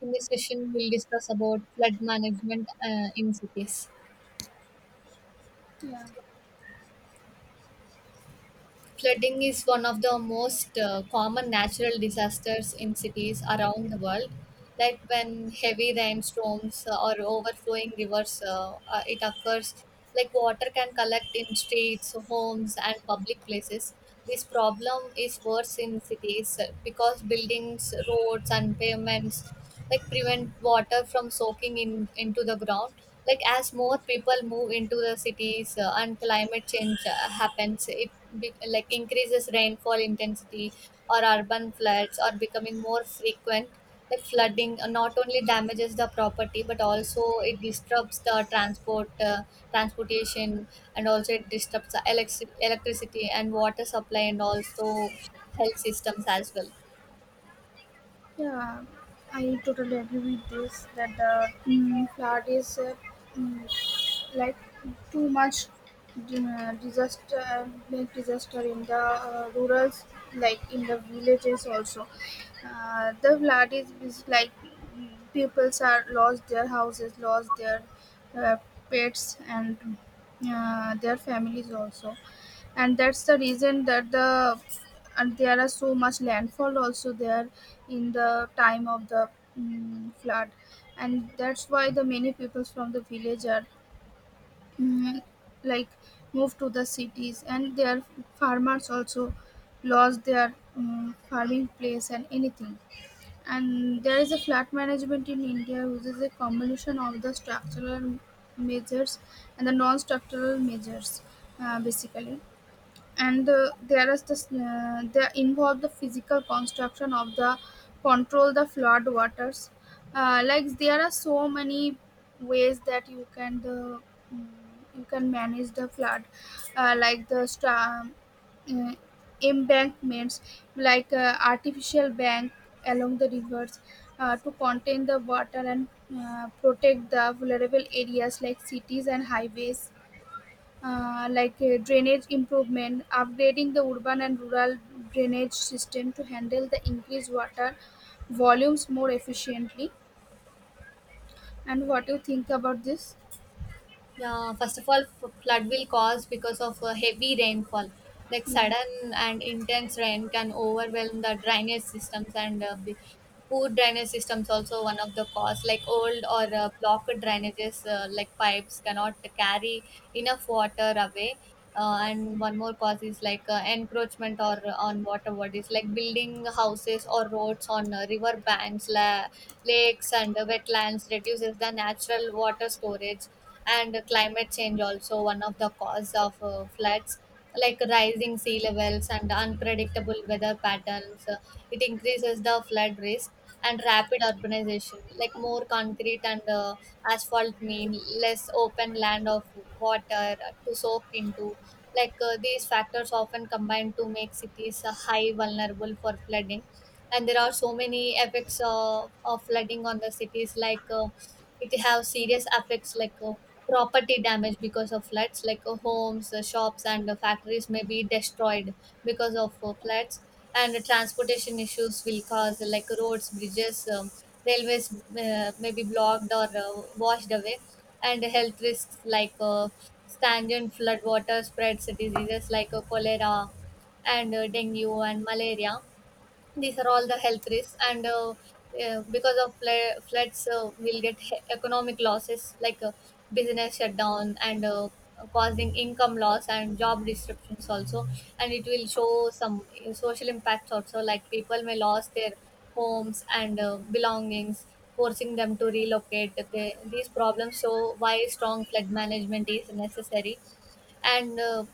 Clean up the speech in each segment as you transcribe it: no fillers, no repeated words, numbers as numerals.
In this session, we'll discuss about flood management, in cities. Yeah, Flooding is one of the most common natural disasters in cities around the world. Like when heavy rainstorms or overflowing rivers, it occurs. Like water can collect in streets, homes, and public places. This problem is worse in cities because buildings, roads, and pavements like prevent water from soaking in into the ground, like as more people move into the cities and climate change happens, like increases rainfall intensity or urban floods are becoming more frequent. Like flooding not only damages the property but also it disturbs the transportation, and also it disturbs the electricity and water supply and also health systems as well. yeah, I totally agree with this that the flood is mm, like too much disaster, big disaster in the rural, like in the villages also. The flood is like peoples are lost their houses, lost their uh, pets and their families also. And that's the reason that the and there are so much landfall also there in the time of the flood, and that's why the many peoples from the village are mm, like moved to the cities, and their farmers also lost their farming place and anything. And there is a flood management in india which is a combination of the structural measures and the non-structural measures, basically. And there is this they involve the physical construction of the control the flood waters. Like there are so many ways that you can the mm, you can manage the flood. Like the storm uh, embankments, like artificial bank along the rivers, to contain the water and protect the vulnerable areas like cities and highways. Drainage improvement, upgrading the urban and rural drainage system to handle the increased water volumes more efficiently. And what do you think about this? Yeah, first of all, flood will cause because of heavy rainfall. Like Yeah, sudden and intense rain can overwhelm the drainage systems, poor drainage systems also one of the cause. Like old or blocked drainages, like pipes cannot carry enough water away. And one more cause is like encroachment or on water bodies, like building houses or roads on river banks, lakes, and wetlands reduces the natural water storage. And climate change also one of the cause of floods, like rising sea levels and unpredictable weather patterns. It increases the flood risk and rapid urbanization, like more concrete and asphalt mean less open land of water to soak into. Like these factors often combine to make cities high vulnerable for flooding. And there are so many effects of flooding on the cities, like it have serious effects like property damage because of floods, like homes, shops, and factories may be destroyed because of floods. And transportation issues will cause like roads, bridges, railways may be blocked or washed away. And health risks like stagnant flood water spreads diseases like cholera and dengue and malaria. These are all the health risks. And Because of floods we'll get economic losses like business shutdown and causing income loss and job disruptions also. And it will show some social impacts also, like people may lose their homes and belongings, forcing them to relocate. These problems show why strong flood management is necessary. And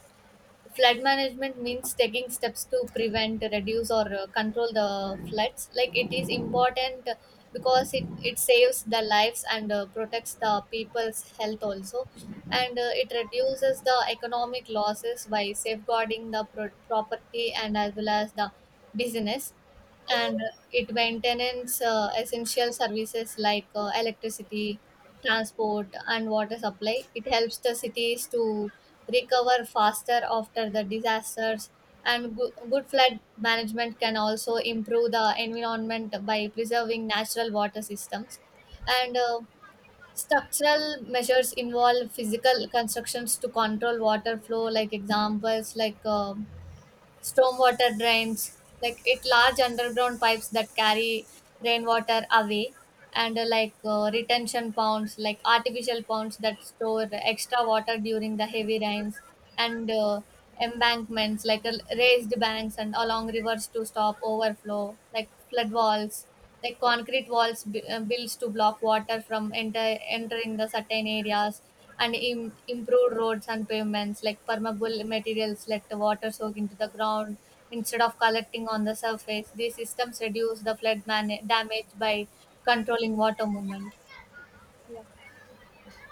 Flood management means taking steps to prevent, reduce, or control the floods. Like it is important because it saves the lives and protects the people's health also. And it reduces the economic losses by safeguarding the property and as well as the business. And it maintains essential services like electricity, transport, and water supply. It helps the cities to recover faster after the disasters. And good flood management can also improve the environment by preserving natural water systems. And Structural measures involve physical constructions to control water flow, like examples like stormwater drains, like it large underground pipes that carry rainwater away. And Like retention ponds, like artificial ponds that store extra water during the heavy rains. And Embankments like raised banks and along rivers to stop overflow, like flood walls, like concrete walls built to block water from entering the certain areas. And improved roads and pavements, like permeable materials let the water soak into the ground instead of collecting on the surface. These systems reduce the damage by controlling water movement.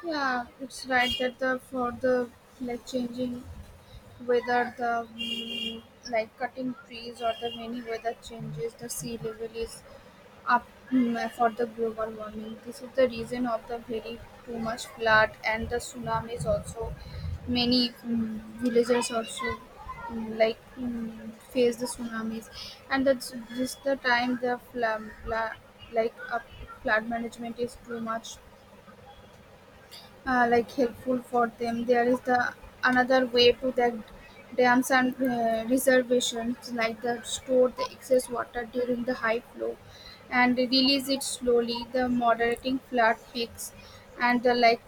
yeah, it's right that the for the like changing weather, the like cutting trees or the many weather changes, the sea level is up, for the global warming. This is the reason of the very too much flood and the tsunamis also. Many villages also face the tsunamis, and that's just the time the flood, like uh, flood management is too much like helpful for them. There is the another way to the dams and reservations, like the store the excess water during the high flow and release it slowly the moderating flood peaks. And the like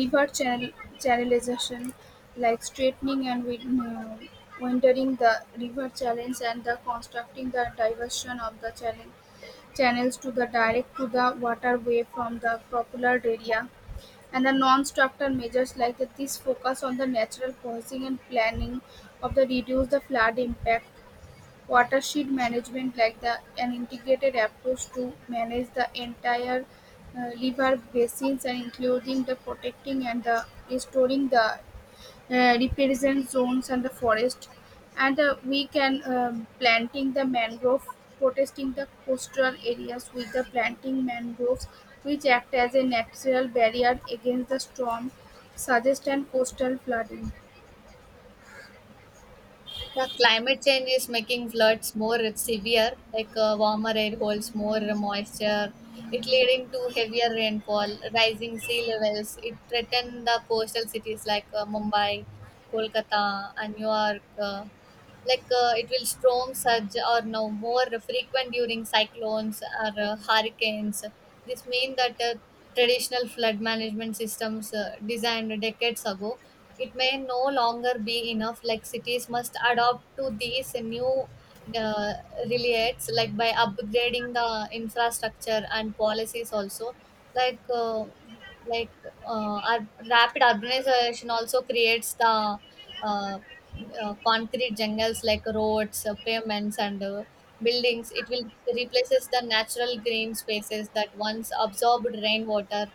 river channel channelization, like straightening and wintering the river channels and the constructing the diversion of the channel channels to the direct to the waterway from the popular area. And the non-structural measures like that this focus on the natural processing and planning of the reduce the flood impact. Watershed management like the an integrated approach to manage the entire river basins and including the protecting and the restoring the represent zones and the forest. And we can planting the mangrove, protecting the coastal areas with the planting mangroves, which act as a natural barrier against the storm suggest and coastal flooding. Yeah, climate change is making floods more severe, like warmer air holds more moisture. It leading to heavier rainfall, rising sea levels. It threaten the coastal cities like Mumbai, Kolkata, and New York. Like it will storm surge or now more frequent during cyclones or hurricanes. This mean that traditional flood management systems designed decades ago, it may no longer be enough. Like cities must adopt to these new uh, relates, like by upgrading the infrastructure and policies also, like uh, like rapid urbanization also creates the uh, concrete jungles, like roads, pavements, and buildings, it will replaces the natural green spaces that once absorbed rainwater.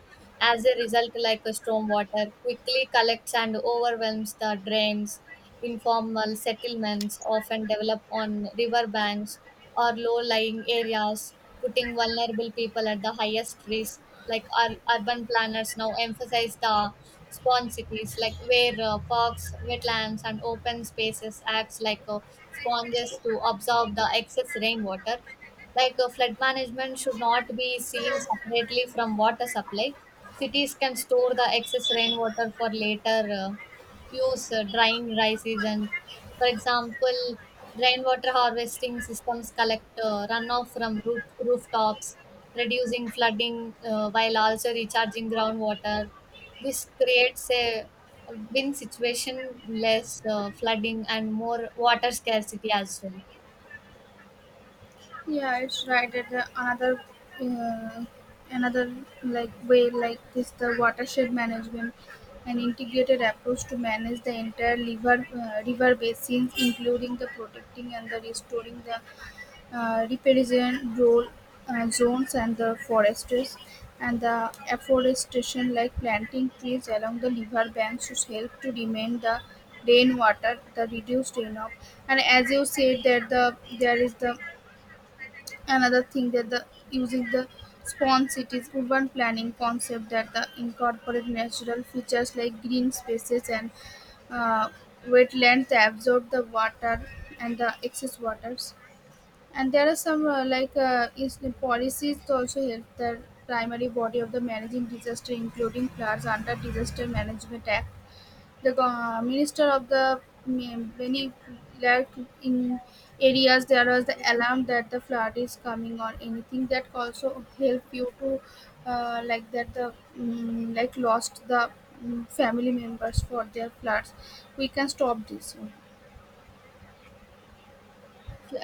As a result, like a stormwater quickly collects and overwhelms the drains. Informal settlements often develop on river banks or low-lying areas, putting vulnerable people at the highest risk. Like our urban planners now emphasize the spawn cities, like where parks, wetlands, and open spaces acts like sponges to absorb the excess rainwater. Like flood management should not be seen separately from water supply. Cities can store the excess rainwater for later uh, use during dry seasons. For example, rainwater harvesting systems collect runoff from rooftops, reducing flooding while also recharging groundwater. This creates a win situation, less flooding, and more water scarcity as well. Yeah, it's right. At the another, uh, another like way like this, the watershed management, an integrated approach to manage the entire river basins, including the protecting and the restoring the riparian role zones and the forests, and the afforestation like planting trees along the river banks to help to remain the rainwater, the reduced runoff. And as you said that the there is the another thing that the using the spawn cities urban planning concept that the incorporate natural features like green spaces and uh, wetlands that absorb the water and the excess waters. And there are some is the policies to also help the primary body of the managing disaster, including floods under Disaster Management Act the minister of the many like in areas there was the alarm that the flood is coming or anything that also help you to like that the like lost the family members for their floods. We can stop this.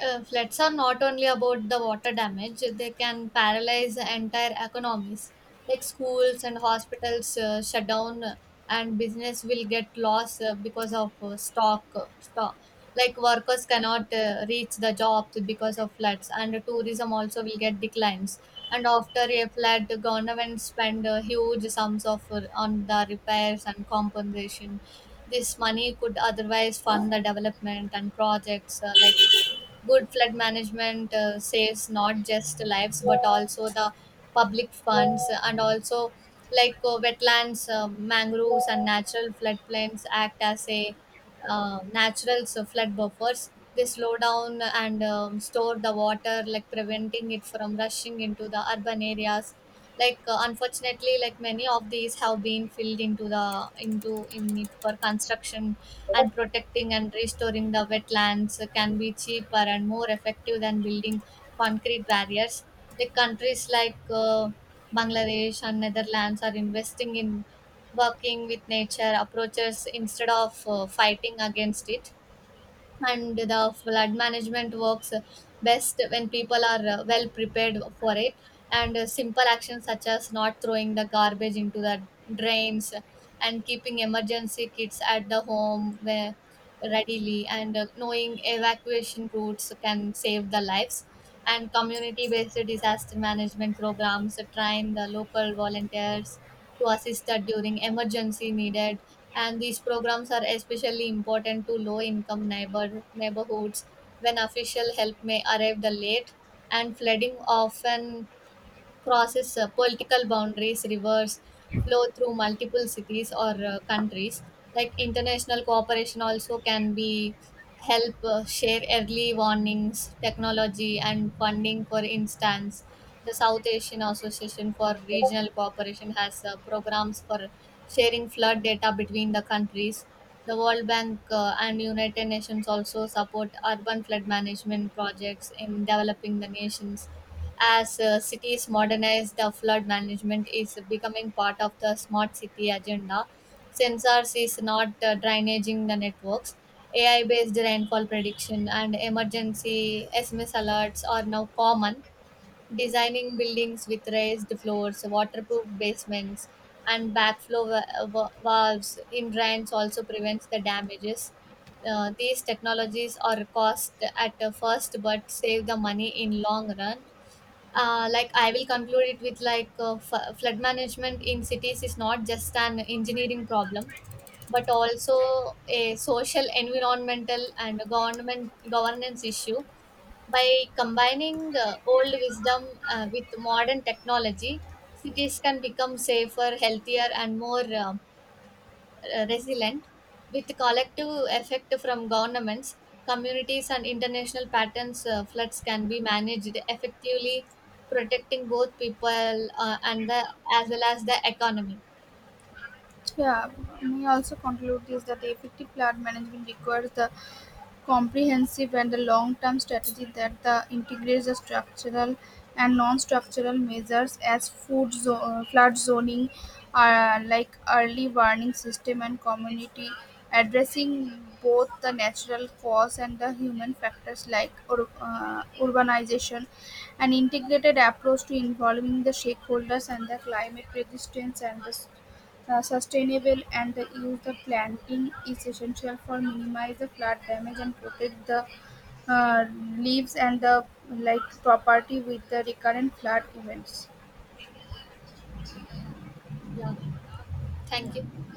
Floods are not only about the water damage, they can paralyze entire economies, like schools and hospitals shut down, and business will get lost because of stock. Like workers cannot reach the jobs because of floods, and tourism also will get declines. And after a flood, the government spend huge sums of on the repairs and compensation. This money could otherwise fund the development and projects. Like good flood management saves not just lives but also the public funds. And also, like wetlands, mangroves, and natural floodplains act as a natural so flood buffers. They slow down and store the water, like preventing it from rushing into the urban areas. Like unfortunately, like many of these have been filled into the into in it for construction, and protecting and restoring the wetlands can be cheaper and more effective than building concrete barriers. Like countries like Bangladesh and Netherlands are investing in working with nature approaches instead of fighting against it. And the flood management works best when people are well prepared for it. And simple actions such as not throwing the garbage into the drains and keeping emergency kits at the home where readily, and knowing evacuation routes, can save the lives. And community based disaster management programs train the local volunteers to assist that during emergency needed. And these programs are especially important to low income neighborhoods when official help may arrive the late. And flooding often crosses political boundaries, rivers flow through multiple cities or countries. Like international cooperation also can be help share early warnings, technology, and funding. For instance, the South Asian Association for Regional Cooperation has programs for sharing flood data between the countries. The World Bank and United Nations also support urban flood management projects in developing the nations. As cities modernize, the flood management is becoming part of the smart city agenda. Sensors is not drainaging the networks. AI based rainfall prediction and emergency SMS alerts are now common. Designing buildings with raised floors, waterproof basements, and backflow valves in drains also prevents the damages. These technologies are cost at first but save the money in long run. Like I will conclude it with like flood management in cities is not just an engineering problem but also a social, environmental, and government governance issue. By combining old wisdom with modern technology, cities can become safer, healthier, and more resilient. With collective effect from governments, communities, and international patterns, floods can be managed effectively, protecting both people and the, as well as the economy. Yeah, we also conclude this that the effective flood management requires the comprehensive and a long-term strategy that the integrates the structural and non-structural measures as flood zoning, like early warning system and community, addressing both the natural cause and the human factors like urbanization, an integrated approach to involving the stakeholders and the climate resistance and the sustainable and the use the planting is essential for minimize the flood damage and protect the uh, leaves and the like property with the recurrent flood events. Yeah, thank you.